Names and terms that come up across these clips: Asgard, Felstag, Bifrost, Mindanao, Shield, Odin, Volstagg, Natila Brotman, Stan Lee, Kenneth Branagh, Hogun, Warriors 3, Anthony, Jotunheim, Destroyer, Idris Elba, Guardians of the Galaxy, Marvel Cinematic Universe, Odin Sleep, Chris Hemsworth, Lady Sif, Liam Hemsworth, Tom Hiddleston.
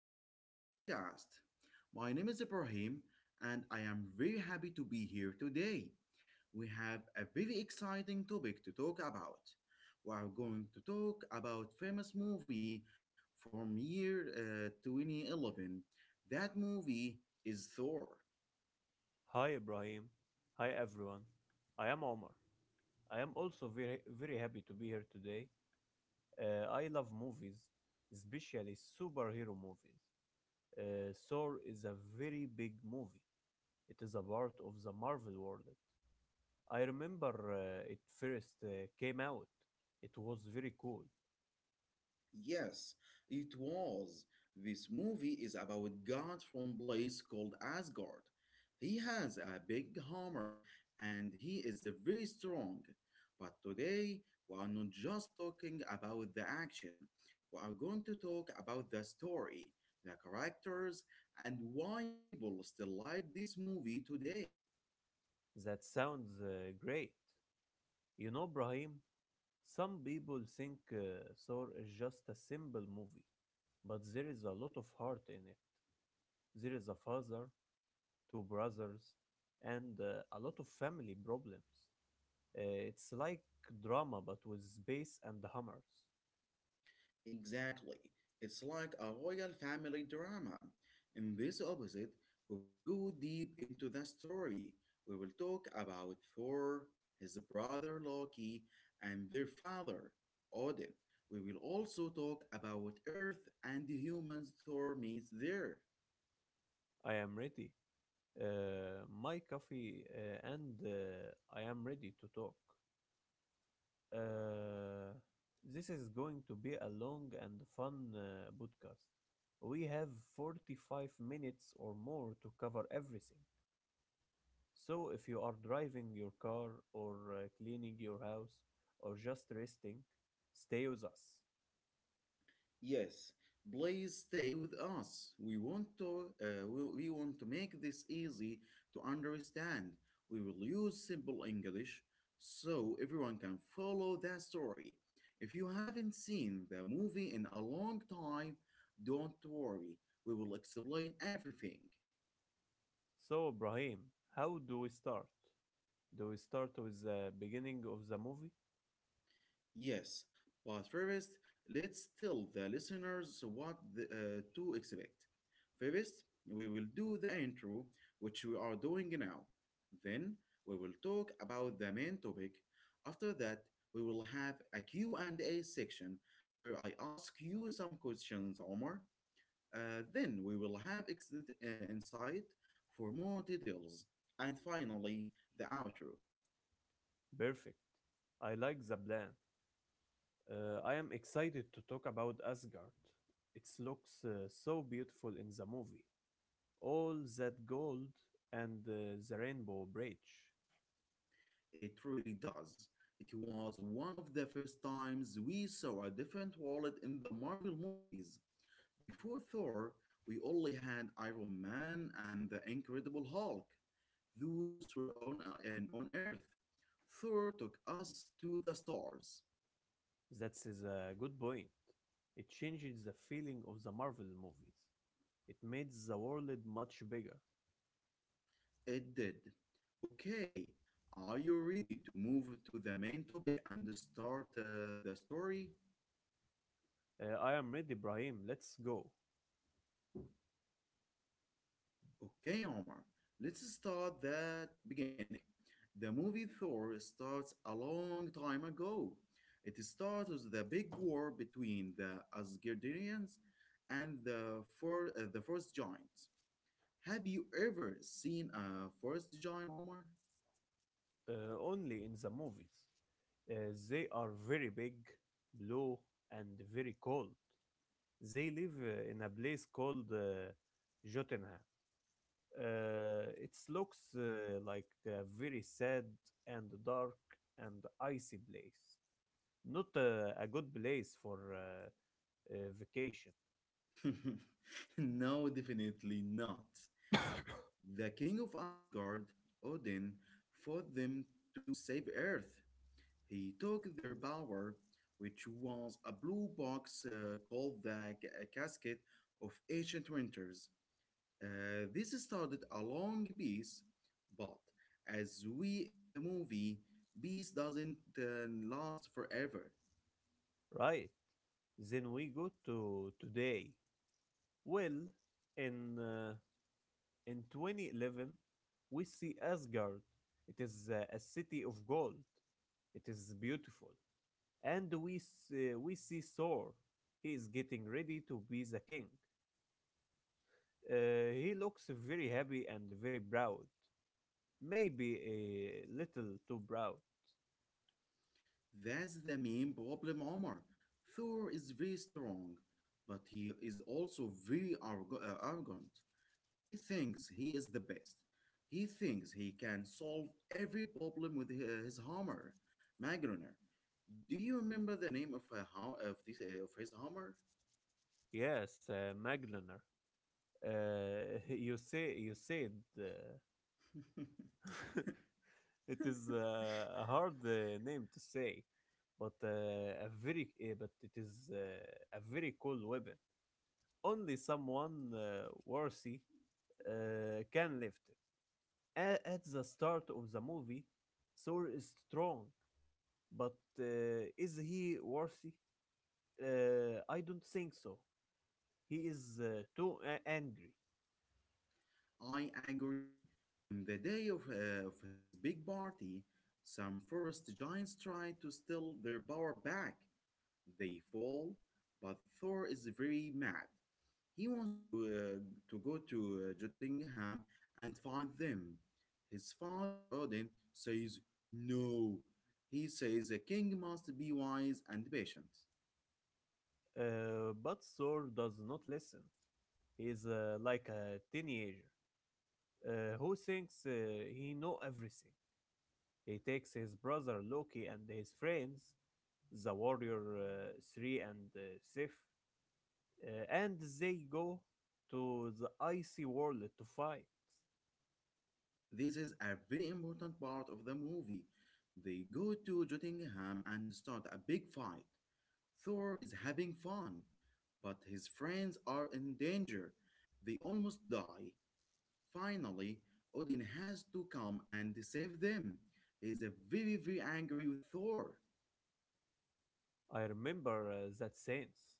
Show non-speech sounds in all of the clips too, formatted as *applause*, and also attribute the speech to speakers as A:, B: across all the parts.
A: Welcome to our podcast. My name is Ibrahim, and I am very happy to be here today. We have a very exciting topic to talk about. We are going to talk about famous movie from year 2011. That movie is Thor.
B: Hi Ibrahim. Hi everyone. I am Omar. I am also very very happy to be here today. I love movies, especially superhero movies. Thor is a very big movie. It is a part of the Marvel world. I remember it first came out. It was very cool.
A: Yes, it was. This movie is about God from place called Asgard. He has a big hammer and he is very strong. But today we are not just talking about the action. We are going to talk about the story, the characters, and why people still like this movie today.
B: That sounds great. You know, Brahim, some people think Thor is just a simple movie, but there is a lot of heart in it. There is a father, two brothers, and a lot of family problems. It's like drama but with bass and hammers.
A: Exactly. It's like a royal family drama. In this episode, we will go deep into the story. We will talk about Thor, his brother Loki, and their father, Odin. We will also talk about Earth and the humans Thor meets there.
B: I am ready. My coffee and I am ready to talk. Uh, this is going to be a long and fun podcast. We have 45 minutes or more to cover everything. So, if you are driving your car or cleaning your house or just resting, stay with us.
A: Yes, please stay with us. We want to we want to make this easy to understand. We will use simple English so everyone can follow the story. If you haven't seen the movie in a long time, don't worry. We will explain everything.
B: So, Ibrahim, how do we start? Do we start with the beginning of the movie?
A: Yes, but first, let's tell the listeners what to expect. First, we will do the intro, which we are doing now. Then, we will talk about the main topic. After that, we will have a Q and a section where I ask you some questions, Omar. Then we will have insight for more details. And finally, the outro.
B: Perfect. I like the plan. I am excited to talk about Asgard. It looks so beautiful in the movie. All that gold and the rainbow bridge.
A: It really does. It was one of the first times we saw a different wallet in the Marvel movies. Before Thor, we only had Iron Man and the Incredible Hulk. Those were on and on Earth. Thor took us to the stars.
B: That is a good point. It changes the feeling of the Marvel movies. It made the world much bigger.
A: It did. Okay, are you ready to move to the main topic and start the story?
B: I am ready, Brahim. Let's go.
A: Okay, Omar, let's start that beginning. The movie Thor starts a long time ago. It starts with the big war between the Asgardians and the the first giant. Have you ever seen a forest giant, Omar?
B: Only in the movies. They are very big, blue, and very cold. They live in a place called Jotunheim. It looks like a very sad and dark and icy place. Not a good place for vacation,
A: *laughs* No, definitely not. The king of Asgard, Odin, fought them to save Earth. He took their bower, which was a blue box called a Casket of Ancient Winters. This started a long peace, but as we in the movie, peace doesn't last forever.
B: right? Then we go to today. Well, in uh, In 2011, we see Asgard. It is a city of gold. It is beautiful. And we see Thor. He is getting ready to be the king. He looks very happy and very proud. Maybe a little too proud.
A: That's the main problem, Omar. Thor is very strong, but he is also very arrogant. He thinks he is the best. He thinks he can solve every problem with his hammer. Magruner, do you remember the name of, of his hammer?
B: Yes, Maglener. *laughs* You said uh,
A: *laughs*
B: it is a hard name to say, but uh, but it is a very cool weapon. Only someone worthy can lift it. At the start of the movie, Thor is strong, but is he worthy? I don't think so. He is too angry.
A: I agree. On the day of his big party, some forest giants tried to steal their power back. They fall, but Thor is very mad. He wants to go to Jotunheim and find them. His father Odin says no. He says a king must be wise and patient.
B: But Thor does not listen. He is like a teenager who thinks he know everything. He takes his brother Loki and his friends, the warrior Three and Sif, and they go to the icy world to fight.
A: This is a very important part of the movie. They go to Jotunheim and start a big fight. Thor is having fun, but his friends are in danger. They almost die. Finally, Odin has to come and save them. He's a very, very angry with Thor.
B: I remember that sense.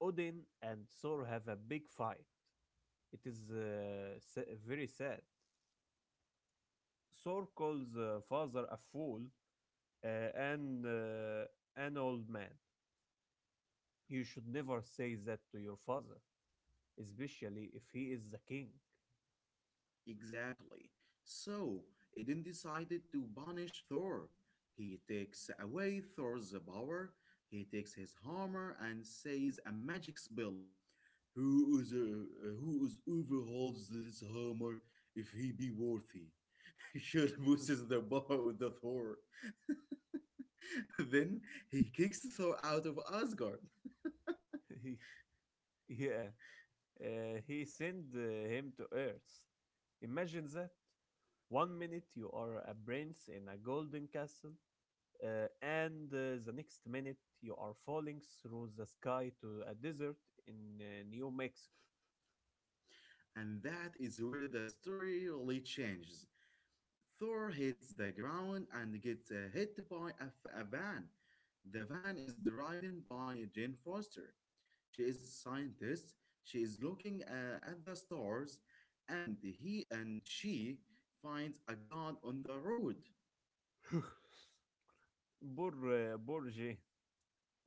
B: Odin and Thor have a big fight. It is very sad. Thor calls father a fool and an old man. You should never say that to your father, especially if he is the king.
A: Exactly. So, Odin decided to punish Thor. He takes away Thor's power, he takes his hammer and says a magic spell. Who is whoever holds this hammer, if he be worthy, *laughs* should loses the power with the Thor. *laughs* Then he kicks Thor out of Asgard.
B: *laughs* Yeah, uh, he sent him to Earth. Imagine that. One minute you are a prince in a golden castle, and the next minute you are falling through the sky to a desert in New Mexico.
A: And that is where the story really changes. Thor hits the ground and gets hit by a van. The van is driven by Jane Foster. She is a scientist. She is looking at the stars, and he and she finds a god on the road.
B: *laughs* Poor Jane.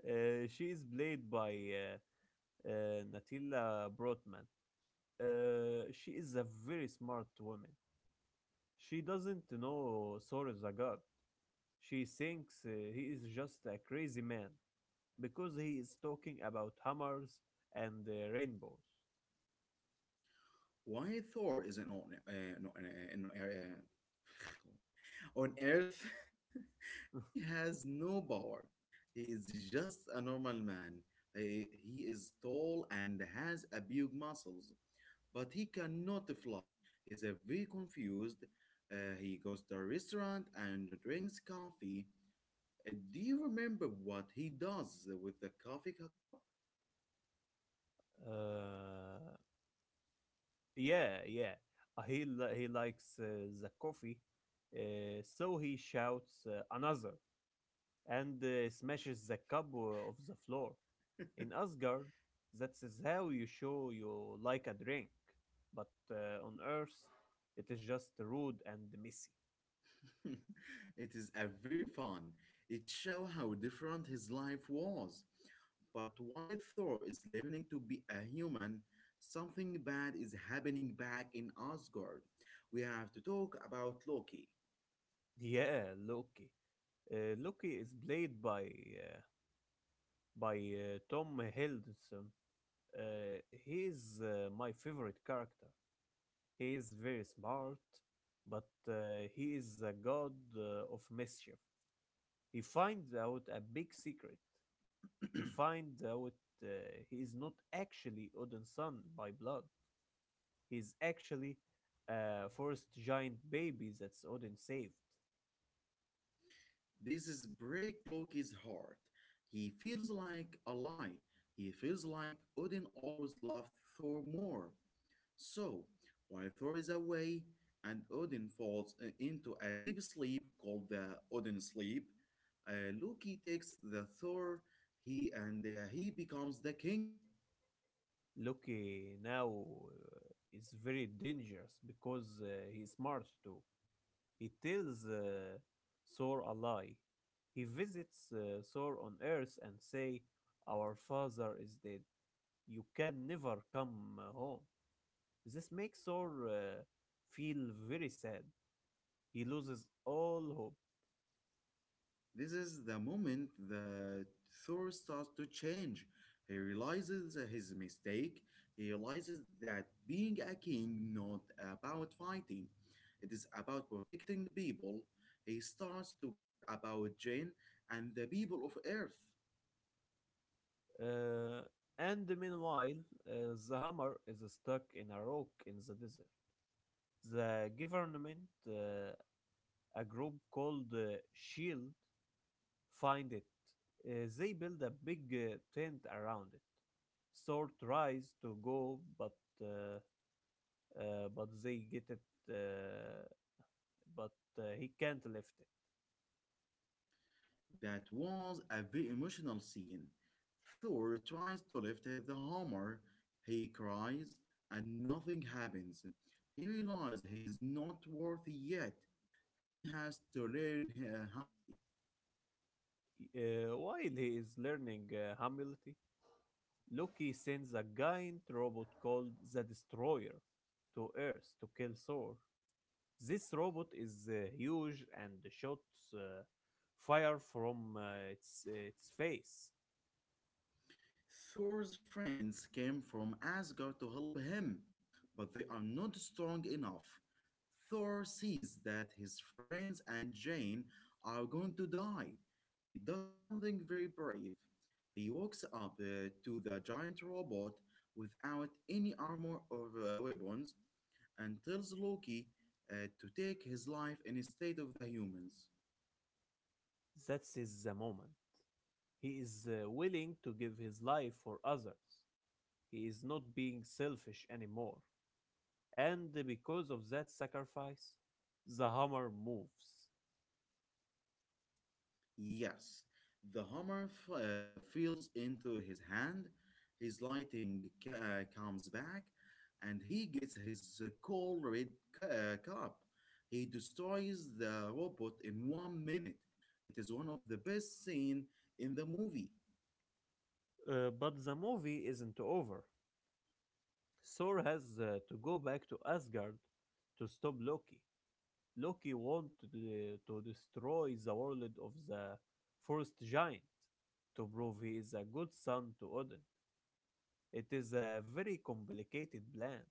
B: She is played by Natila Brotman. She is a very smart woman. She doesn't know Thor is a god. She thinks he is just a crazy man, because he is talking about hammers and rainbows.
A: Why Thor is not on, not, on, in- *sighs* On Earth, *laughs* he
B: *laughs*
A: has no power. He is just a normal man. He is tall and has a big muscles, but he cannot fly. He's a very confused. He goes to a restaurant and drinks coffee. Do you remember what he does with the coffee cup?
B: Uh, yeah, yeah. He likes the coffee, so he shouts another and smashes the cup of the floor. In Asgard, that's is how you show you like a drink, but on Earth, it is just rude and messy.
A: *laughs* It is a very fun. It shows how different his life was. But while Thor is learning to be a human, something bad is happening back in Asgard. We have to talk about Loki.
B: Yeah, Loki. Loki is played by uh, Tom Hiddleston. Uh, he is my favorite character. He is very smart, but he is a god of mischief. He finds out a big secret. He finds out uh, he is not actually Odin's son by blood. He is actually a forest giant baby that's Odin saved.
A: This is break Loki's heart. He feels like a lie. He feels like Odin always loved Thor more. So, while Thor is away and Odin falls into a deep sleep called the Odin sleep, Loki takes the Thor. He becomes the king.
B: Loki now is very dangerous because he is smart too. He tells Thor a lie. He visits Thor on Earth and say, "Our father is dead. You can never come home." This makes Thor feel very sad. He loses all hope.
A: This is the moment that Thor starts to change. He realizes his mistake. He realizes that being a king not about fighting. It is about protecting the people. He starts to care about Jane and the people of Earth.
B: Uh, and meanwhile, the hammer is stuck in a rock in the desert. The government, a group called Shield, find it. They build a big tent around it. Sort tries to go, but uh, but they get it, uh, but he can't lift it.
A: That was a very emotional scene. Thor tries to lift the hammer, he cries, and nothing happens. He realizes he is not worthy yet. He has to learn humility.
B: While he is learning humility, Loki sends a giant robot called the Destroyer to Earth to kill Thor. This robot is huge and shoots fire from its face.
A: Thor's friends came from Asgard to help him, but they are not strong enough. Thor sees that his friends and Jane are going to die. He does something very brave. He walks up to the giant robot without any armor or weapons and tells Loki to take his life instead of the humans.
B: That is the moment. He is willing to give his life for others. He is not being selfish anymore. And because of that sacrifice, the hammer moves.
A: Yes, the hammer feels into his hand, his lighting comes back, and he gets his cold red cup. He destroys the robot in 1 minute. It is one of the best scene in the movie.
B: But the movie isn't over. Thor has to go back to Asgard to stop Loki. Loki wants to destroy the world of the first giant to prove he is a good son to Odin. It is a very complicated plan.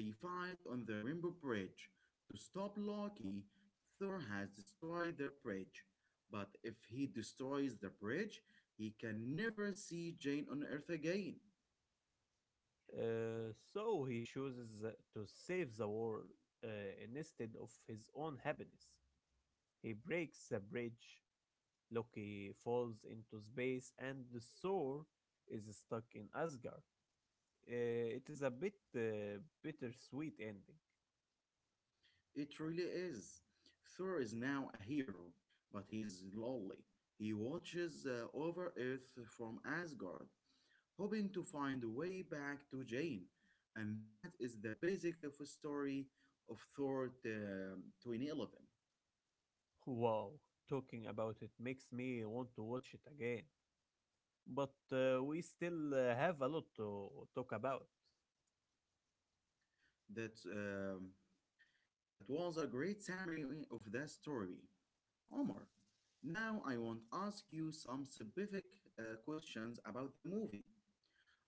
A: They fight on the Rainbow Bridge. To stop Loki, Thor has destroyed the bridge. But if he destroys the bridge, he can never see Jane on Earth again.
B: So he chooses to save the world uh, instead of his own happiness. He breaks the bridge, Loki falls into space, and the Thor is stuck in Asgard. It is a bit bittersweet ending.
A: It really is. Thor is now a hero, but he is lonely. He watches over Earth from Asgard, hoping to find a way back to Jane. And that is the basic of a story of Thor 2011.
B: Wow, talking about it makes me want to watch it again. But we still have a lot to talk about.
A: That, um, that was a great summary of that story. Omar, now I want to ask you some specific questions about the movie.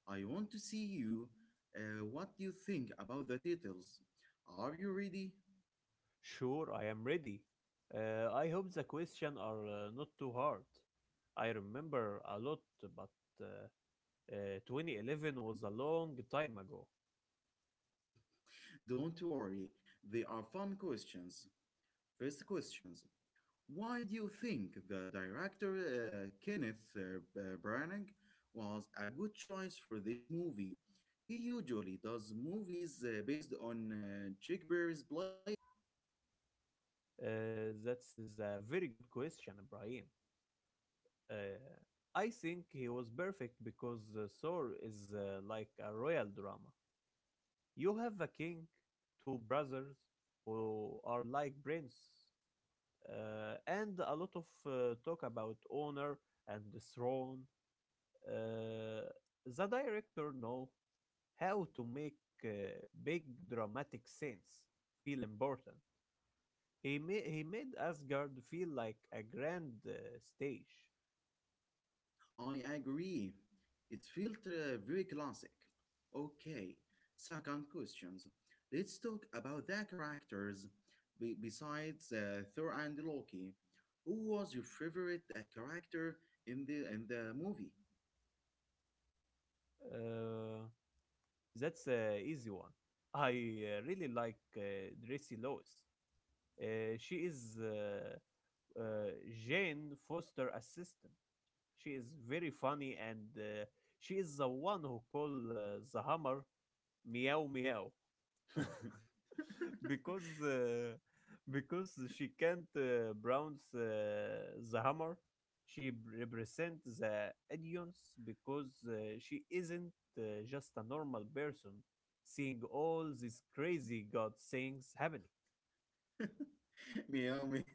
A: I want to see you. What do you think about the titles? Are you ready?
B: Sure, I am ready. I hope the questions are not too hard. I remember a lot, but uh, 2011 was a long time ago.
A: *laughs* Don't worry, they are fun questions. First questions. Why do you think the director Kenneth Branagh was a good choice for this movie? He usually does movies based on Shakespeare's plays.
B: That is a very good question, Ibrahim. Uh, I think he was perfect because Thor is like a royal drama. You have a king, two brothers who are like prince, and a lot of talk about honor and the throne. Uh, the director know how to make uh, big dramatic scenes feel important. He made Asgard feel like a grand stage.
A: I agree. It felt very classic. Okay, second questions. Let's talk about the characters besides Thor and Loki. Who was your favorite character in the movie?
B: Uh, that's a easy one. I really like Drissy Lois. She is uh, Jane Foster assistant. She is very funny and she is the one who call the hammer meow meow. *laughs*
A: *laughs*
B: Because because she can't pronounce the hammer, she represents the audience because she isn't just a normal person seeing all these crazy god things happening.
A: Meow meow.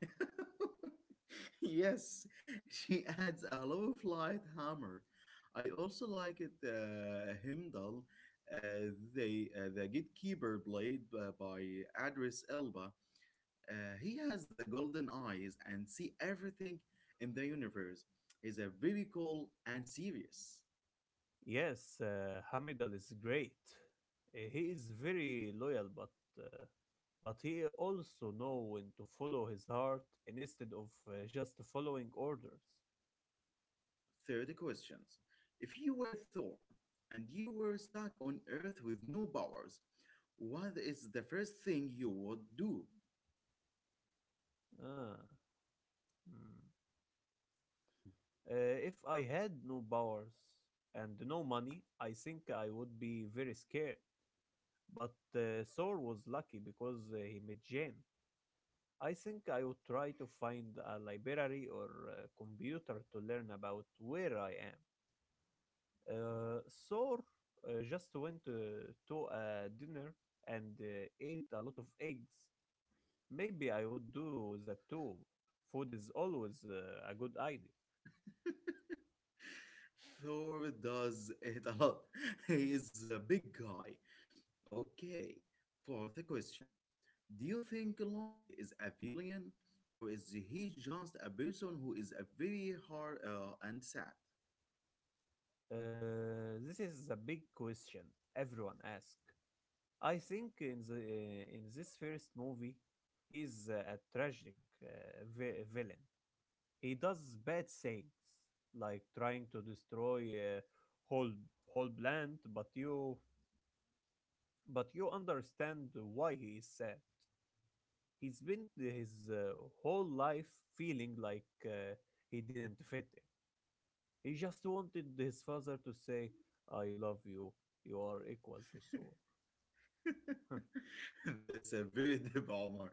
A: *laughs* Yes, she adds a low flight hammer. I also like it, Heimdall, the gatekeeper blade by Adris Elba. He has the golden eyes and see everything in the universe. He's a very cool and serious.
B: Yes, hamidal is great. He is very loyal but but he also know when to follow his heart instead of just following orders.
A: Third question. If you were Thor and you were stuck on Earth with no powers, what is the first thing you would do?
B: Ah, hmm. Uh, if I had no powers and no money, I think I would be very scared. But Thor was lucky because he met Jane. I think I would try to find a library or a computer to learn about where I am. Thor just went to a dinner and ate a lot of eggs. Maybe I would do that too. Food is always a good idea.
A: Thor does it a lot. *laughs* He is a big guy. Okay, for the questions. Do you think Loki is a villain or is he just a person who is a very hard and sad?
B: This is the big question everyone asks. I think in this first movie, he's a tragic uh, villain. He does bad things, like trying to destroy whole whole plant. But you understand why he is sad. He's been his whole life feeling like he didn't fit in. He just wanted his father to say, I love you, you are equal to
A: *laughs*
B: Thor.
A: That's a very *laughs* deep Omar.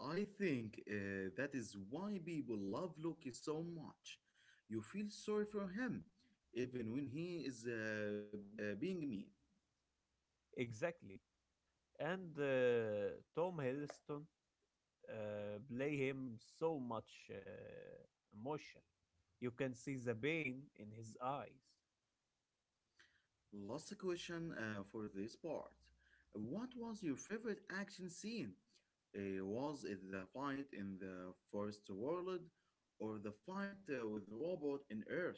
A: I think that is why people love Loki so much. You feel sorry for him, even when he is being mean.
B: *laughs* Exactly. And Tom Hiddleston play him so much emotion. You can see the pain in his eyes.
A: Last question for this part. What was your favorite action scene? Was it the fight in the first world or the fight with the robot in Earth?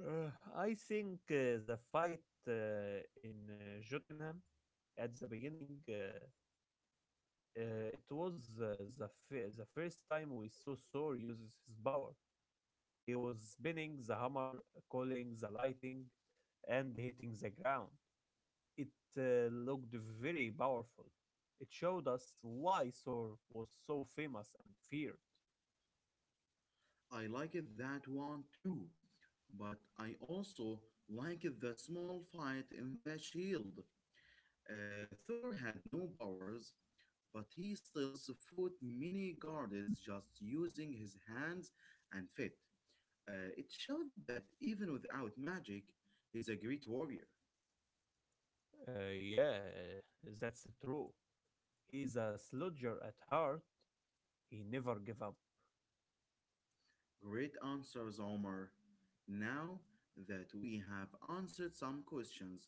B: I think the fight in Jotunheim at the beginning, it was the first time we saw Thor uses his power. He was spinning the hammer, calling the lighting, and hitting the ground. It looked very powerful. It showed us why Thor was so famous and feared.
A: I like it that one too, but I also like the small fight in the shield. Thor had no powers, but he still fought many guards just using his hands and feet. It showed that even without magic, he's a great warrior.
B: Yeah, that's true. He's a sludger at heart. He never gave up.
A: Great answers, Omar. Now that we have answered some questions,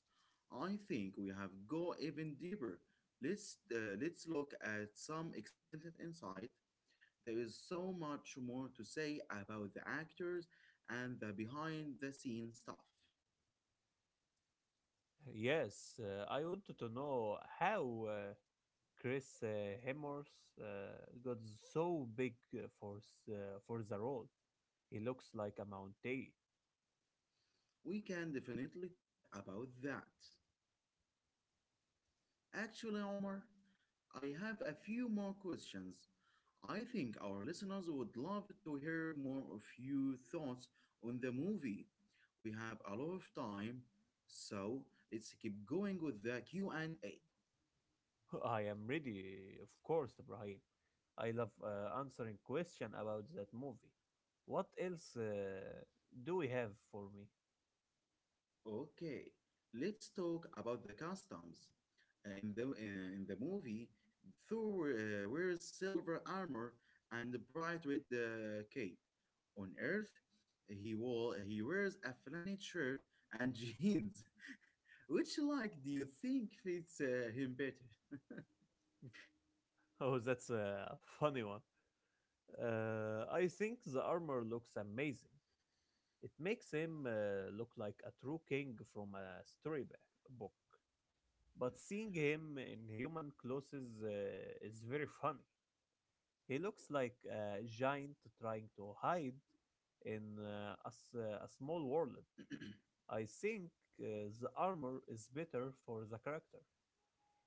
A: I think we have go even deeper. Let's look at some extended insight. There is so much more to say about the actors and the behind the scenes stuff.
B: Yes, I wanted to know how Chris Hemsworth uh, got so big for the role. He looks like a mountain.
A: We can definitely talk about that.
B: *laughs*
A: Actually, Omar, I have a few more questions. I think our listeners would love to hear more of your thoughts on the movie. We have a lot of time, so let's keep going with the Q&A.
B: I am ready, of course, Ibrahim. I love answering question about that movie. What else do we have for me? *laughs*
A: Okay, let's talk about the customs. In the movie, Thor wears silver armor and a bright red cape. On Earth, he wears a flannel shirt and *laughs* jeans. Which like do you think fits him better?
B: Oh, that's a funny one. I think the armor looks amazing. It makes him look like a true king from a storybook. But seeing him in human clothes is very funny. He looks like a giant trying to hide in a small world. I think the armor is better for the character,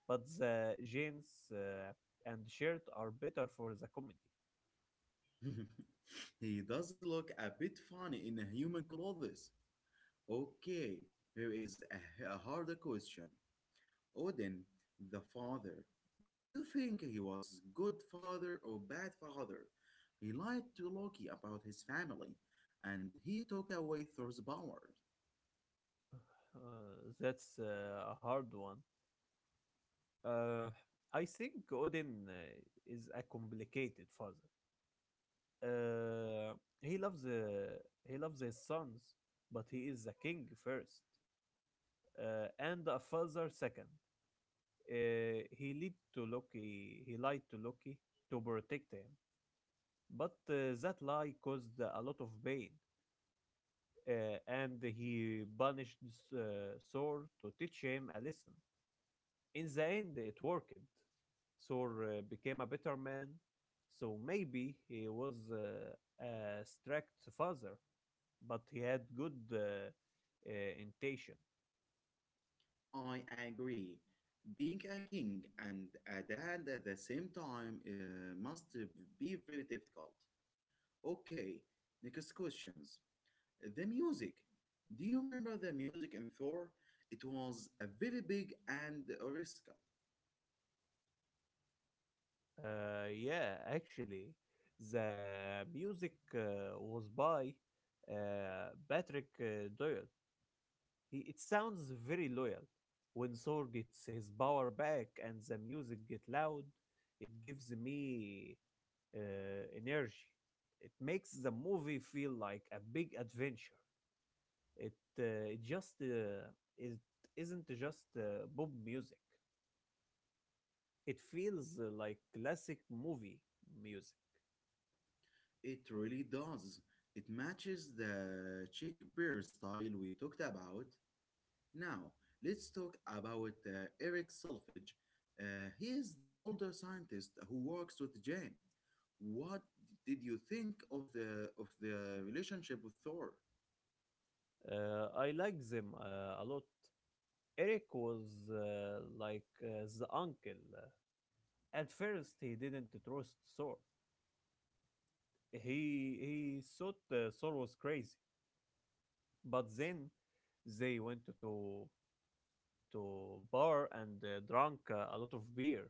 B: but the jeans and shirt are better for the comedy.
A: *laughs* He does look a bit funny in human clothes. Okay, here is a harder question. Odin, the father, do you think he was good father or bad father? He lied to Loki about his family, and he took away Thor's power.
B: That's a hard one. Uh, I think Odin is a complicated father. Uh, he loves uh, he loves his sons, but he is a king first, and a father second. He lied to Loki. He lied to Loki to protect him, but that lie caused a lot of pain, and he punished Thor to teach him a lesson. In the end, it worked. Thor became a better man, so maybe he was a strict father, but he had good uh, intention.
A: I agree. Being a king and a dad at the same time must be very difficult. Okay, next questions. The music. Do you remember the music in Thor? It was a very big and original.
B: Yeah, actually, the music was by Patrick Doyle. It sounds very loyal. When Thor gets his power back and the music get loud, it gives me uh, energy. It makes the movie feel like a big adventure. It uh, it just uh, it isn't just pop music. It feels like classic movie music.
A: It really does. It matches the chick bear style we talked about. Now, let's talk about Eric Selfridge. He is the older scientist who works with Jane. What did you think of the relationship with Thor?
B: I like them a lot. Eric was like the uncle. At first, he didn't trust Thor. He thought Thor was crazy, but then they went to bar and drank a lot of beer.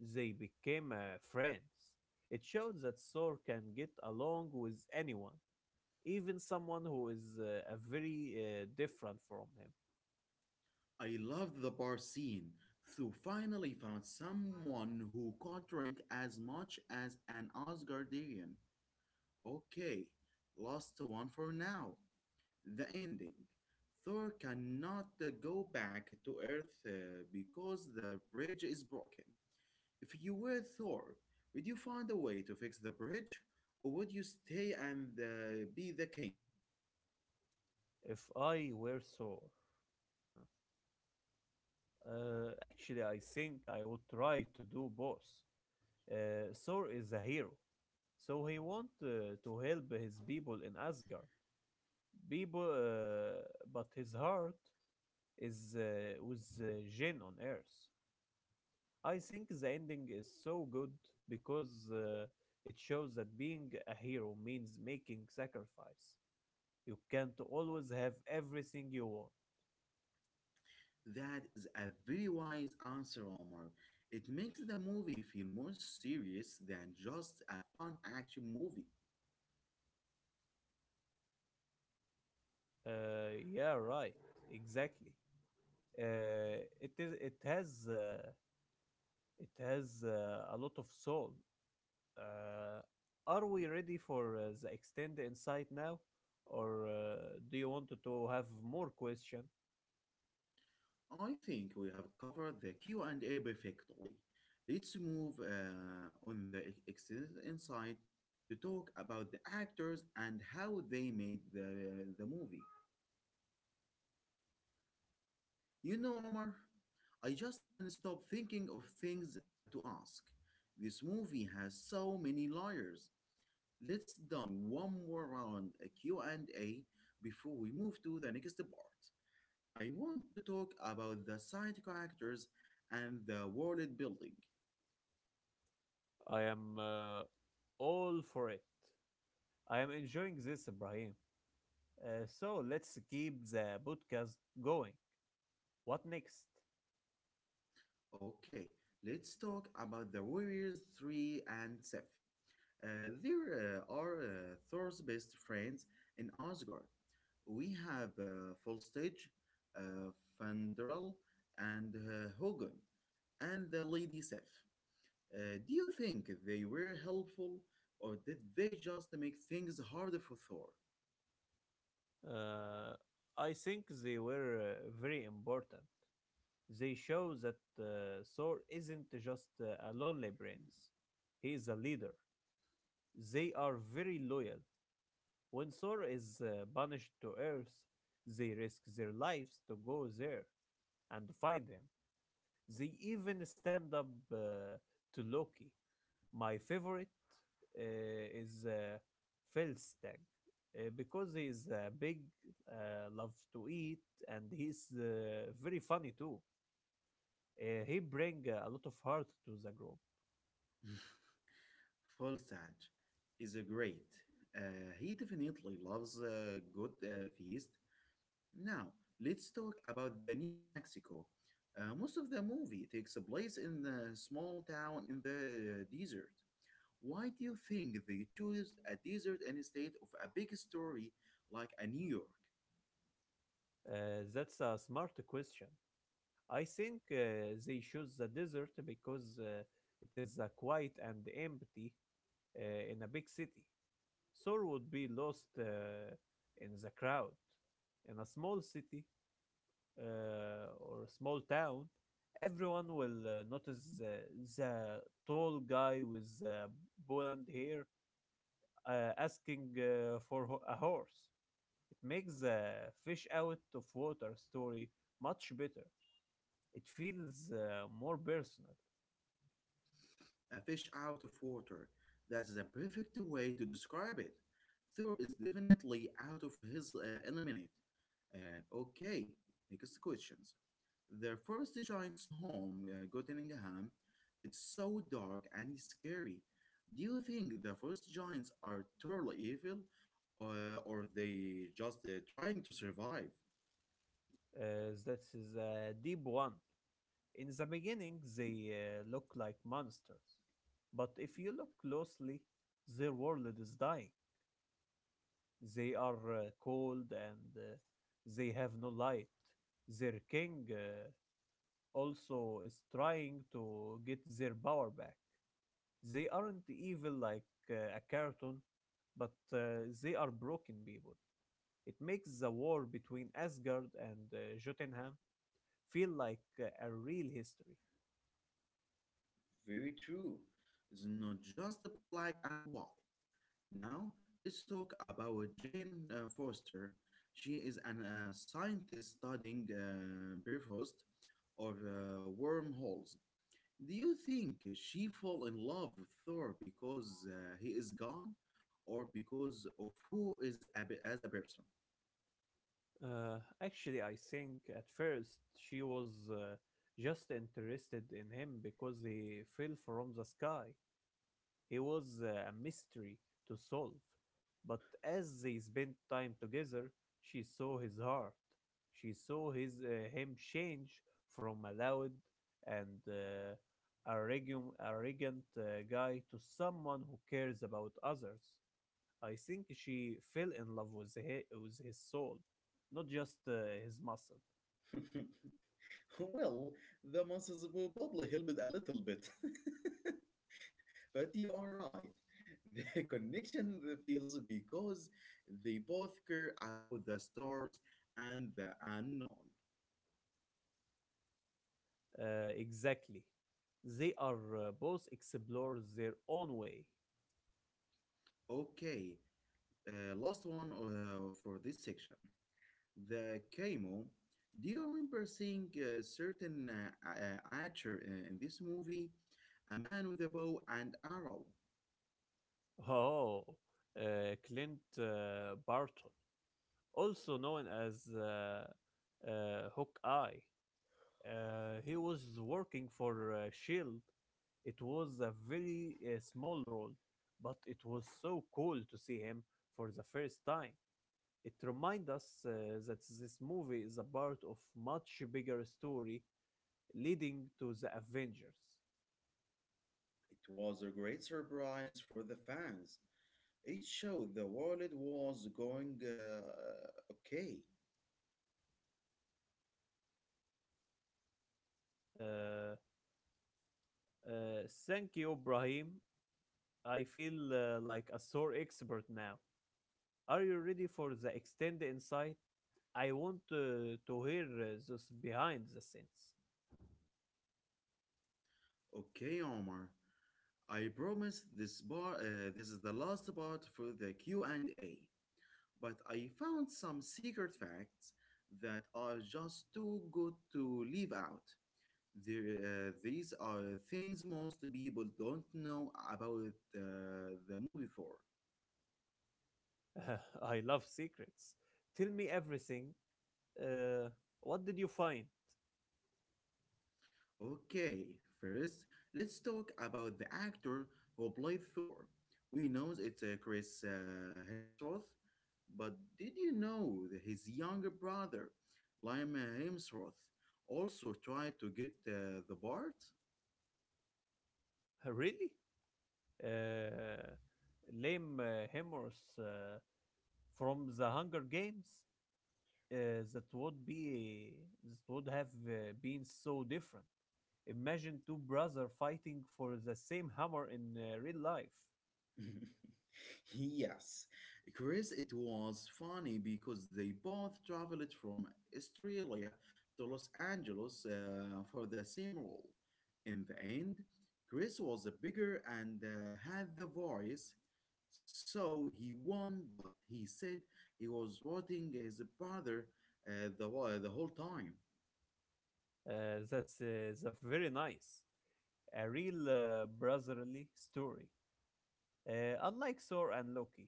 B: They became friends. It showed that Thor can get along with anyone, even someone who is a very different from him.
A: I loved the bar scene. Thor finally found someone who could drink as much as an Asgardian. Okay, last one for now. The ending. Thor cannot go back to Earth because the bridge is broken. If you were Thor, would you find a way to fix the bridge, or would you stay and be the king?
B: If I were Thor. Actually, I think I would try to do both. Thor is a hero, so he want to help his people in Asgard. People, uh, but his heart is with Jin on Earth. I think the ending is so good because it shows that being a hero means making sacrifice. You can't always have everything you want.
A: That is a very wise answer, Omar. It makes the movie feel more serious than just a fun action movie.
B: Yeah, right. Exactly. It is it has a lot of soul. Uh, are we ready for the extend insight now, or do you want to have more question?
A: I think we have covered the Q&A perfectly. Let's move on the extended insight to talk about the actors and how they made the movie. You know, Omar, I just can't stop thinking of things to ask. This movie has so many layers. Let's done one more round a Q&A before we move to the next part. I want to talk about the side characters and the world building.
B: I am all for it. I am enjoying this, Ibrahim. So let's keep the podcast going. What next?
A: Okay, let's talk about the Warriors 3 and Sif. There are Thor's best friends in Asgard. We have full uh, Fandral, and Hogan, and the Lady Sif. Do you think they were helpful, or did they just make things harder for Thor?
B: Uh, I think they were very important. They show that Thor isn't just a lonely brains. He is a leader. They are very loyal. When Thor is banished to Earth, they risk their lives to go there and find him. They even stand up to Loki. My favorite is Felstag because he is big, loves to eat, and he's very funny too. He bring a lot of heart to the group.
A: *laughs* Volstagg is a great. He definitely loves a good feast. Now, let's talk about the New Mexico. Most of the movie takes place in a small town in the desert. Why do you think they choose a desert instead of a big story like a New York,
B: That's a smart question. I think they choose the desert because it is quiet and empty uh, in a big city. Thor would be lost in the crowd. In a small city or a small town, everyone will notice the tall guy with blonde hair asking a horse. Makes the fish out of water story much better. It feels more personal.
A: a fish out of water? That is a perfect way to describe it. Thor is definitely out of his element. Okay, next questions. Their first giant's home, Gottingham, it's so dark and scary. Do you think the first giants are totally evil, or they just trying to survive?
B: That is a deep one. In the beginning, they look like monsters, but if you look closely, their world is dying. They are cold and they have no light. Their king also is trying to get their power back. They aren't evil like a cartoon, but they are broken people. It makes the war between Asgard and Jotunheim feel like a real history.
A: Very true. It's not just the black and white. Now, let's talk about Jane Forster. She is an, a scientist studying Bifrost or wormholes. Do you think she fell in love with Thor because he is gone or because of who is a, as a person?
B: Actually, I think at first she was just interested in him because he fell from the sky. He was a mystery to solve, but as they spent time together, she saw his heart. She saw his him change from a loud and arrogant guy to someone who cares about others. I think she fell in love with with his soul, not just his muscle.
A: *laughs* Well, the monsters will probably help it a little bit. *laughs* But you are right. *laughs* The connection feels because they both care about the stars and the unknown.
B: Exactly. They are both explorers their own way.
A: Okay, last one for this section. The chemo. Do you remember seeing a certain archer in this movie? A man with a bow and arrow.
B: Oh, Clint Barton, also known as Hawkeye. He was working for Shield. It was a very small role, but it was so cool to see him for the first time. It reminds us that this movie is a part of much bigger story leading to the Avengers.
A: It was a great surprise for the fans. It showed the world was going okay.
B: Uh, Thank you, Brahim, I feel like a sore expert now. Are you ready for the extended insight? I want to hear those behind the scenes.
A: Okay, Omar. I promise this bar this is the last part for the Q&A, but I found some secret facts that are just too good to leave out. There, these are things most people don't know about the movie Thor.
B: *laughs* I love secrets. Tell me everything. Uh, what did you find? *laughs*
A: Okay, first, let's talk about the actor who played Thor. We know it's Chris Hemsworth, but did you know that his younger brother, Liam Hemsworth, also tried to get the part?
B: Really? Uh, Lame Hemorrhs from the Hunger Games? Uh, that would be that would have been so different. Imagine two brothers fighting for the same hammer in real life.
A: *laughs* Yes, Chris, it was funny because they both traveled from Australia to Los Angeles for the same role. In the end, Chris was bigger and had the voice, so he won, but he said he was rotting his brother the whole time.
B: That's very nice. A real brotherly story, unlike Thor and Loki.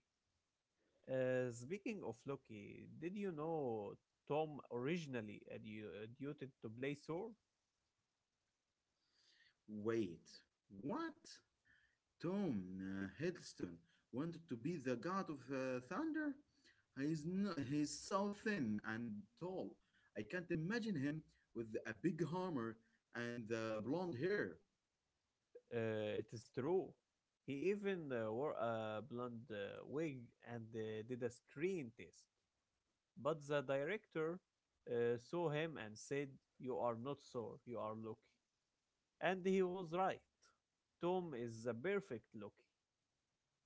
B: Speaking of Loki, did you know Tom originally auditioned to play Thor?
A: Wait, what? Tom Hiddleston wanted to be the god of thunder. He's no, he's so thin and tall. I can't imagine him with a big hammer and blonde hair.
B: It is true. He even wore a blonde wig and did a screen test. But the director saw him and said, "You are not Thor. You are Loki," and he was right. Tom is the perfect Loki.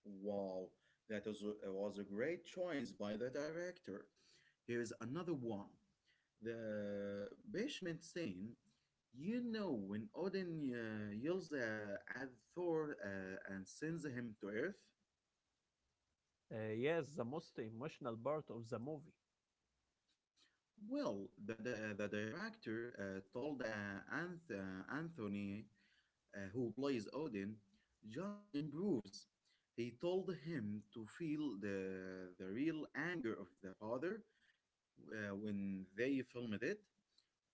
A: Wow, that was a great choice by the director. Here's another one. The basement scene. You know when Odin yells at Thor and sends him to Earth.
B: Yes, the most emotional part of the movie.
A: Well, the director told Anthony, who plays Odin, just improves. He told him to feel the real anger of the father when they filmed it.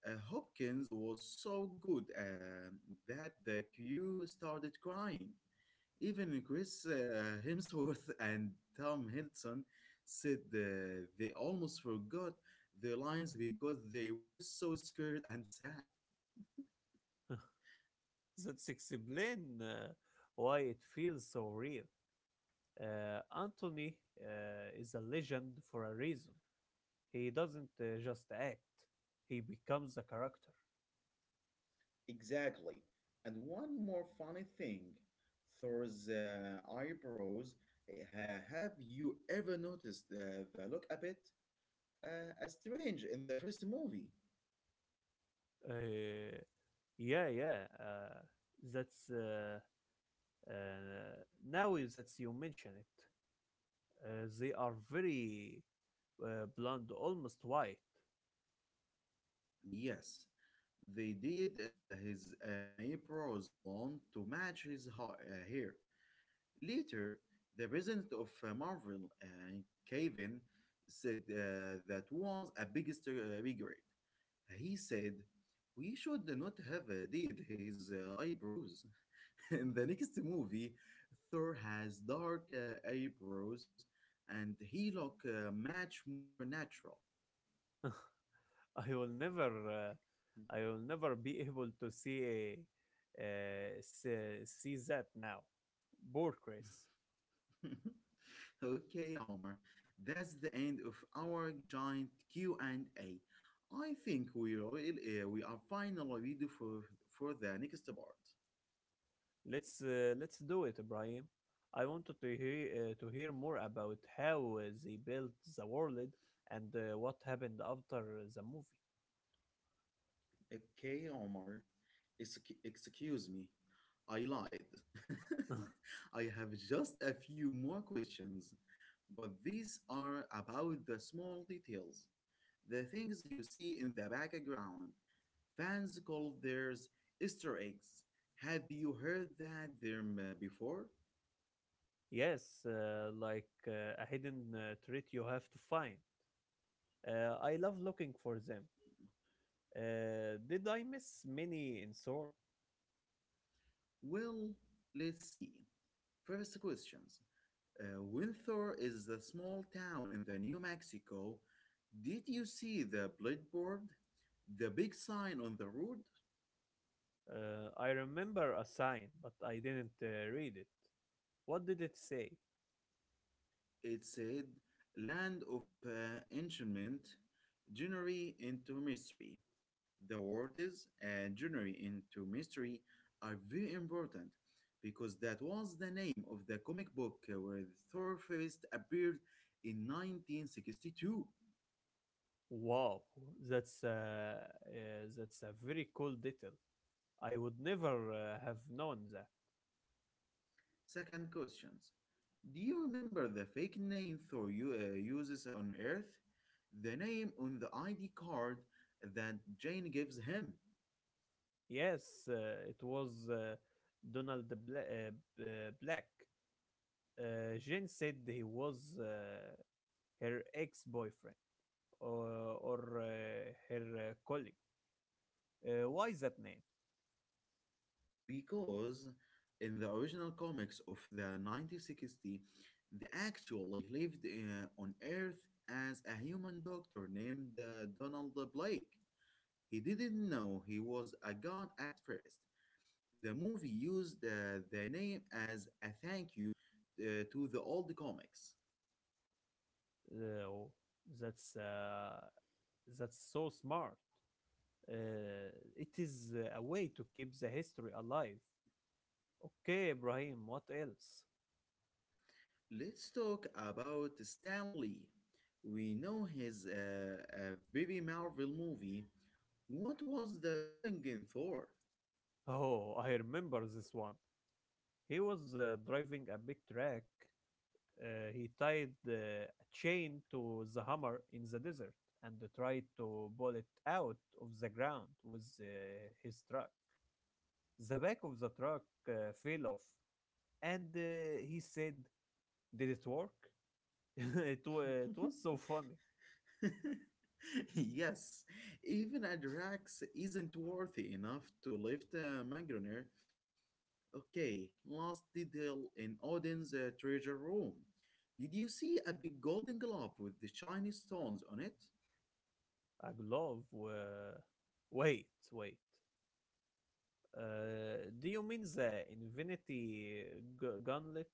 A: Hopkins was so good that the crew started crying. Even Chris *laughs* Hemsworth and Tom Hiddleston said they almost forgot their lines because they were so scared and sad.
B: *laughs* That's explain why it feels so real. Anthony is a legend for a reason. He doesn't just act; he becomes a character.
A: Exactly. And one more funny thing, Thor's eyebrows. Have you ever noticed the look a bit strange in the first movie?
B: Uh, yeah, yeah. That's uh, now is that you mention it. They are very blonde, almost white.
A: Yes, they did his eyebrows blonde to match his hair. Later, the president of Marvel, Kevin, said that was a biggest regret. He said, "We should not have did his eyebrows." *laughs* In the next movie, Thor has dark eyebrows, and he look much more natural.
B: I will never uh, I will never be able to see that now. Poor Chris.
A: *laughs* Okay, Omar. That's the end of our giant q and A. I think we really, we are finally ready for the next part.
B: Let's do it, Ibrahim. I wanted to hear more about how they built the world and what happened after the movie.
A: Okay, Omar. Excuse me. I lied. *laughs* I have just a few more questions, but these are about the small details. The things you see in the background, fans call theirs Easter eggs. Have you heard that term before?
B: *laughs* Yes, like a hidden treat you have to find. I love looking for them. Did I miss many in Sor?
A: Well, let's see. First questions. Winthor is a small town in the New Mexico. Did you see the billboard? The big sign on the road?
B: I remember a sign, but I didn't read it. What did it say?
A: It said, Land of Enchantment, Journey into Mystery. The words and journey into mystery are very important because that was the name of the comic book where the Thor first appeared in 1962.
B: Wow, that's uh, that's a very cool detail. I would never have known that.
A: Second questions. Do you remember the fake name Thor uses on Earth? The name on the ID card that Jane gives him.
B: Yes, it was Donald Black. Jane said he was her ex-boyfriend or, or her colleague. Why that name?
A: Because in the original comics of the 1960, they actually lived on Earth as a human doctor named Donald Blake. He didn't know he was a god at first. The movie used the name as a thank you to the old comics.
B: Uh, that's uh, that's so smart. Uh, it is a way to keep the history alive. Okay, Ibrahim, what else?
A: Let's talk about Stan Lee. We know his a very Marvel movie. What was that doing in Thor?
B: *laughs* Oh, I remember this one. He was driving a big truck. He tied a chain to the hammer in the desert and tried to pull it out of the ground with his truck. The back of the truck fell off, and he said, "Did it work?" *laughs* It was so
A: *laughs*
B: funny.
A: *laughs* Yes, even Adrax isn't worthy enough to lift Mangroner. Okay, last detail in Odin's treasure room. Did you see a big golden glove with the shiny stones on it?
B: A glove? Wait, wait. Do you mean the Infinity Gauntlet?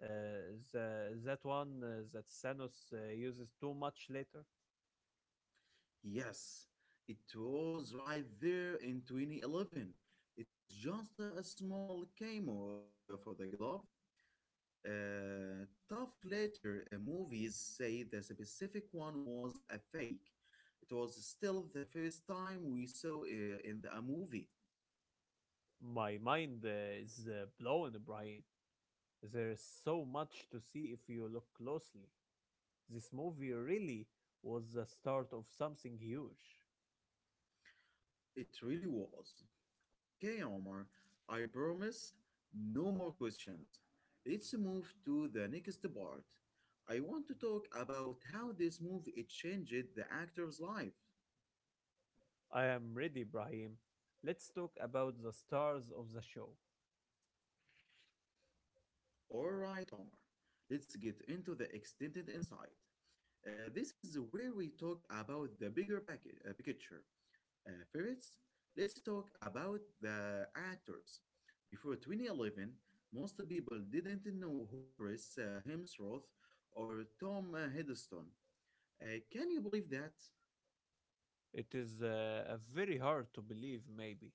B: That one that Thanos uses too much later?
A: Yes, it was right there in 2011. It was just a small camo of, for the glove. Tough later movies say the specific one was a fake. It was still the first time we saw in a movie.
B: My mind is blown, Brian. There is so much to see if you look closely. This movie really was the start of something huge.
A: It really was. Okay, Omar, I promise no more questions. Let's move to the next part. I want to talk about how this movie it changed the actor's life.
B: I am ready, Brahim. Let's talk about the stars of the show.
A: Alright, Omar, let's get into the extended insight. This is where we talk about the bigger picture. First, let's talk about the actors. Before 2011, most people didn't know who Chris Hemsworth or Tom Hiddleston. Can you believe that?
B: It is very hard to believe, maybe,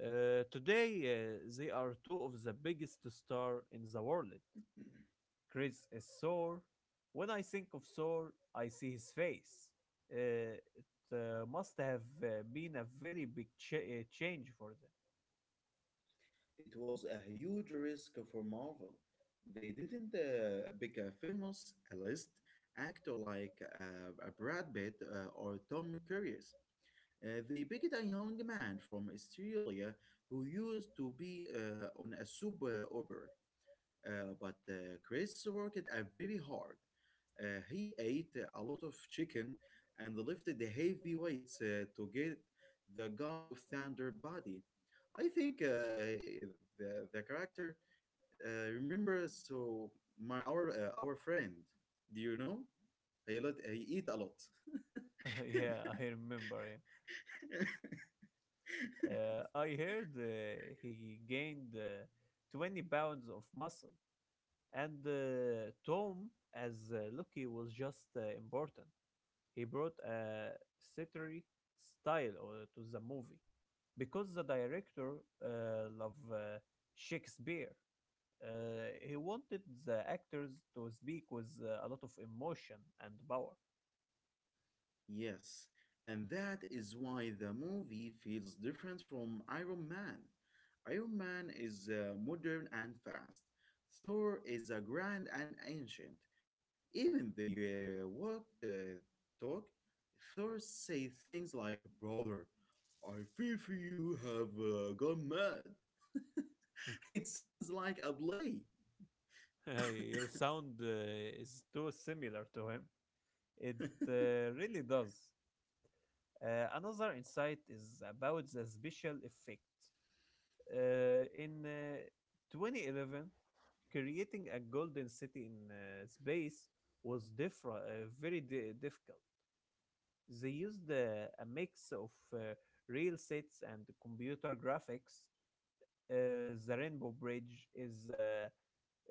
B: Today, they are two of the biggest stars in the world. Chris is Thor. When I think of Thor, I see his face. It must have been a very big change for them.
A: It was a huge risk for Marvel. They didn't pick a famous a list actor like Brad Pitt or Tom Cruise. They picked a young man from Australia who used to be on a soap opera, but Chris worked very hard. He ate a lot of chicken and lifted the heavy weights to get the God of Thunder body. I think the character remembers so my our friend. Do you know? He lot he eat a lot.
B: *laughs* Yeah, I remember him.
A: *laughs*
B: I heard he gained 20 pounds of muscle. And Tom, as Loki, was just important. He brought a theatery style to the movie because the director loved Shakespeare. He wanted the actors to speak with a lot of emotion and power.
A: Yes, and that is why the movie feels different from Iron Man. Iron Man is modern and fast. Thor is a grand and ancient. Even the what talk, Thor say things like "Brother, I fear for you have gone mad." *laughs* It sounds like a play.
B: *laughs* Your sound is too similar to him. It really does. Another insight is about the special effect. In 2011, creating a golden city in space was different, difficult. They used a mix of real sets and computer graphics. The Rainbow Bridge is uh,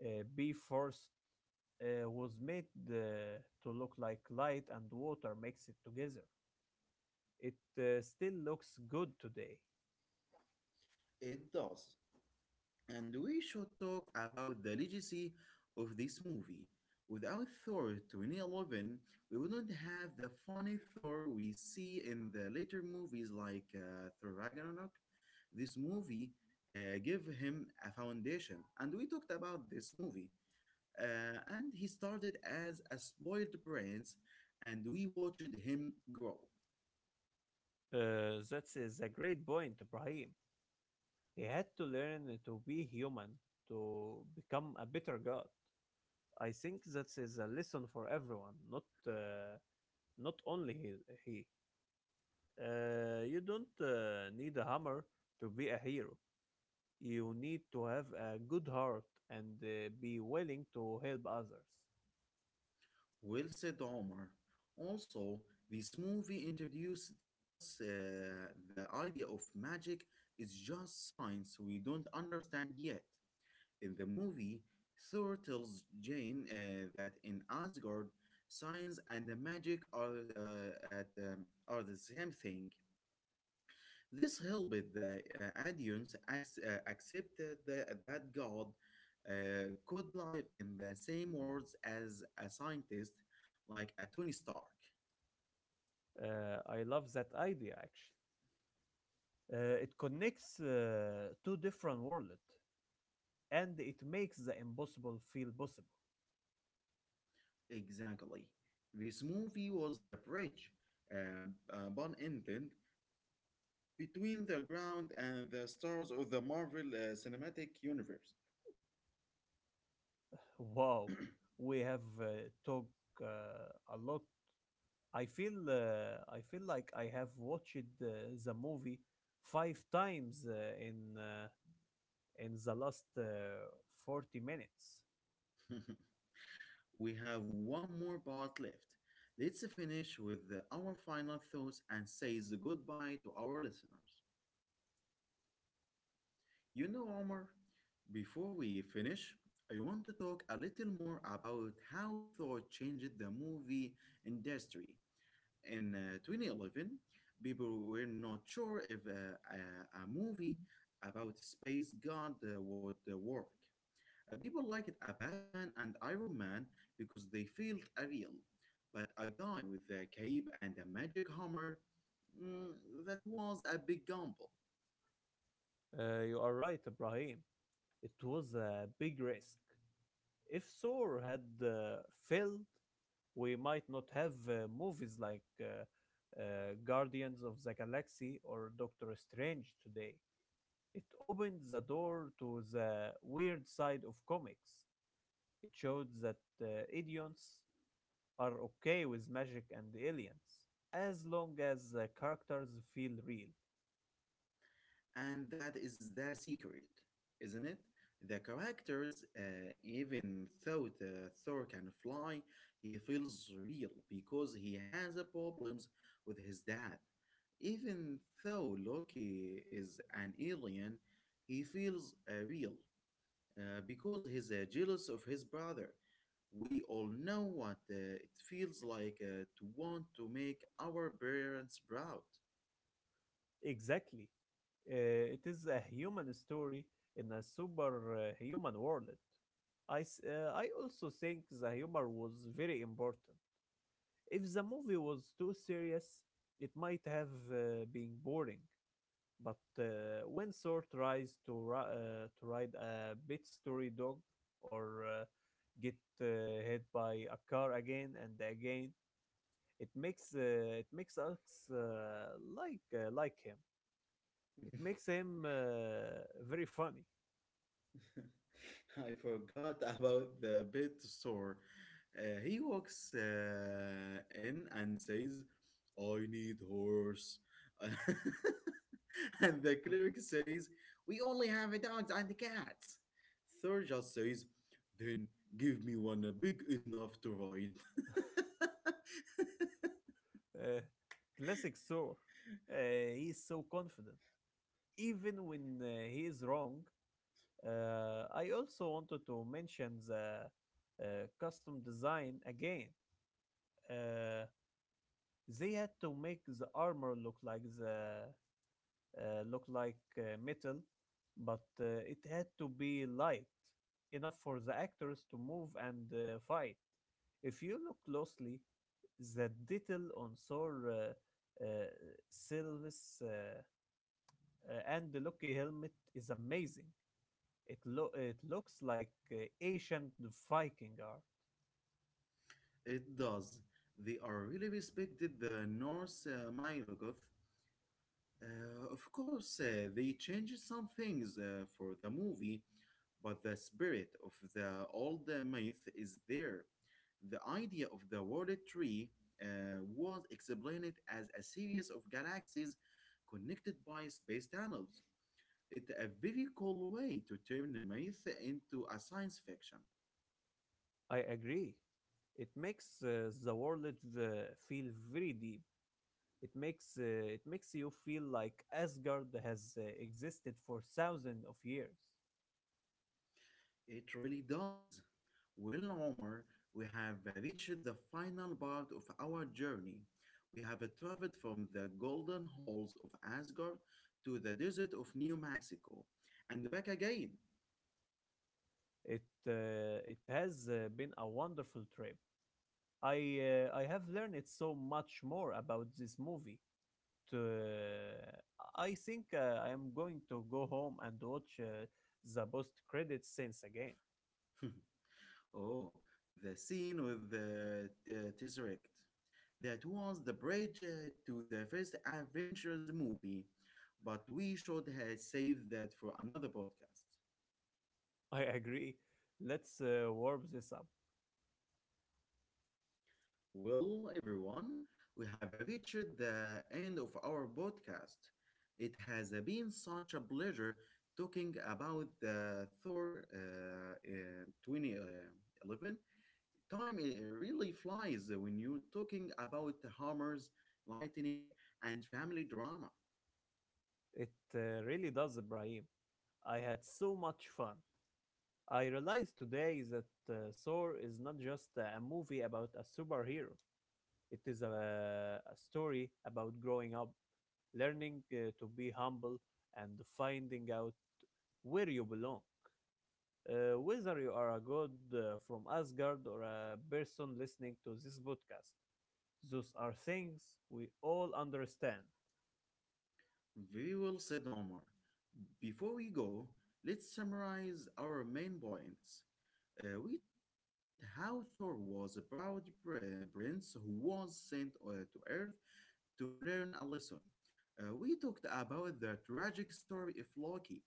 B: uh, B first was made to look like light and water mix it together. It still looks good today.
A: It does. And we should talk about the legacy of this movie. Without Thor 2011, we wouldn't have the funny Thor we see in the later movies like Thor Ragnarok. This movie gave him a foundation, and we talked about this movie. And he started as a spoiled prince, and we watched him grow.
B: That's a great point, Ibrahim. He had to learn to be human to become a better god. I think that is a lesson for everyone, not only he. He. You don't need a hammer to be a hero. You need to have a good heart and be willing to help others.
A: Well said, Omar. Also, this movie introduced us the idea of magic is just science we don't understand yet. In the movie, Thor tells Jane that in Asgard, science and the magic are at are the same thing. This helped the Adians accept that God could live in the same worlds as a scientist like a Tony Stark.
B: I love that idea actually. It connects two different worlds and it makes the impossible feel possible.
A: Exactly. This movie was the bridge, uh, pun intended, between the ground and the stars of the Marvel Cinematic Universe.
B: Wow, we have talked a lot. I feel like I have watched the movie five times in uh, in the last 40 minutes.
A: *laughs* We have one more part left. Let's finish with our final thoughts and says goodbye to our listeners. You know, Omar, before we finish, I want to talk a little more about how thought changed the movie industry. In 2011, people were not sure if a movie about space god would work. People liked a Batman and Iron Man because they felt real, but a guy with a cape and a magic hammer, mm, that was a big gamble.
B: You are right, Ibrahim. It was a big risk. If Thor had failed, we might not have movies like Guardians of the Galaxy or Doctor Strange today. It opened the door to the weird side of comics. It showed that uh, idioms are okay with magic and aliens as long as the characters feel real.
A: And that is the secret, isn't it? The characters, even though the Thor can fly, he feels real because he has a problems with his dad. Even though Loki is an alien, he feels real because he's jealous of his brother. We all know what it feels like to want to make our parents proud.
B: Exactly. It is a human story in a superhuman world. I also think the humor was very important. If the movie was too serious, it might have been boring. But when Thor tries to ride a bit story dog or get uh, hit by a car again and again, it makes us like him. It
A: *laughs*
B: makes him very funny.
A: *laughs* I forgot about the pet store. He walks in and says, I need horse. *laughs* And the clerk says, we only have dogs and cats. Thor just says, then give me one big enough to ride. *laughs*
B: Uh, Classic Thor. Uh, he is so confident, even when he is wrong. I also wanted to mention the uh, custom design again. Uh, they had to make the armor looked like metal, but it had to be light enough for the actors to move and fight. If you look closely, the detail on Sylve's, and the Loki helmet is amazing. It looks like ancient Viking art.
A: It does. They are really respected the Norse Milogoth. Of course, they changed some things for the movie, but the spirit of the old myth is there. The idea of the world tree was explained as a series of galaxies connected by space tunnels. It's a very cool way to turn the myth into a science fiction.
B: I agree. It makes the world uh, feel very deep. It makes uh, it makes you feel like Asgard has existed for thousands of years.
A: It really does. Well, Omar, we have reached the final part of our journey. We have traveled from the golden halls of Asgard to the desert of New Mexico and back again.
B: It has been a wonderful trip. I I have learned so much more about this movie. To, uh, I think I am going to go home and watch the post credit scenes again.
A: *laughs* Oh, the scene with the Tesseract. That was the bridge to the first Avengers movie, but we should have saved that for another podcast.
B: I agree. Let's warm this up.
A: Well, everyone, we have reached the end of our podcast. It has been such a pleasure talking about the Thor 2011. Time it really flies when you're talking about hammers, lightning, and family drama.
B: It really does, Ibrahim. I had so much fun. I realized today that Thor is not just a movie about a superhero. It is a story about growing up, learning to be humble, and finding out where you belong. Whether you are a god from Asgard or a person listening to this podcast, those are things we all understand.
A: Very well said, Omar. Before we go, let's summarize our main points. We talked about how Thor was a proud prince who was sent to Earth to learn a lesson. We talked about the tragic story of Loki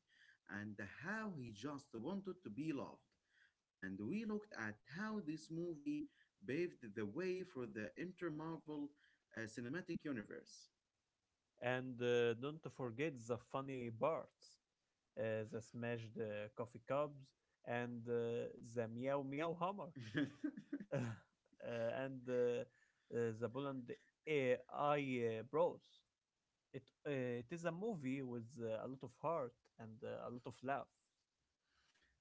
A: and how he just wanted to be loved. And we looked at how this movie paved the way for the inter Marvel cinematic universe.
B: And don't forget the funny parts, the smashed coffee cups, and the meow meow hammer.
A: *laughs*
B: *laughs* uh, and the Poland AI Bros. It uh, it is a movie with a lot of heart and a lot of love.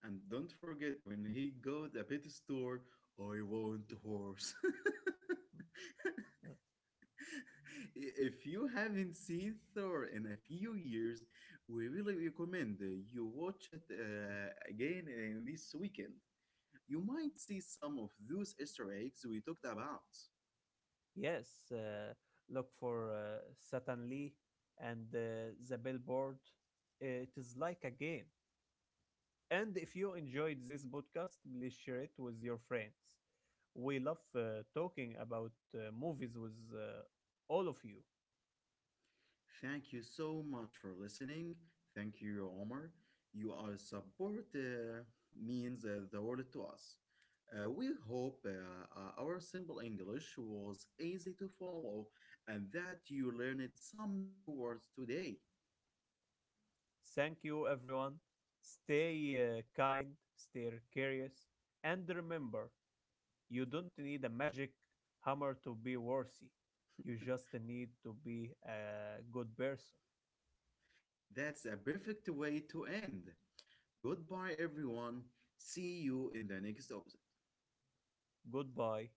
A: And don't forget when he got a pet store, I want horse. *laughs*
B: Uh,
A: If you haven't seen Thor in a few years, we really recommend you watch it again this weekend. You might see some of those Easter eggs we talked about.
B: yes, look for Satan Lee and the Billboard. It is like a game. And if you enjoyed this podcast, please share it with your friends. We love talking about movies with all of you.
A: Thank you so much for listening. Thank you, Omar. Your support means the world to us. We hope our simple English was easy to follow and that you learned some new words today.
B: Thank you, everyone. Stay kind, stay curious, and remember you don't need a magic hammer to be worthy. You just need to be a good person.
A: That's a perfect way to end. Goodbye, everyone. See you in the next episode.
B: Goodbye.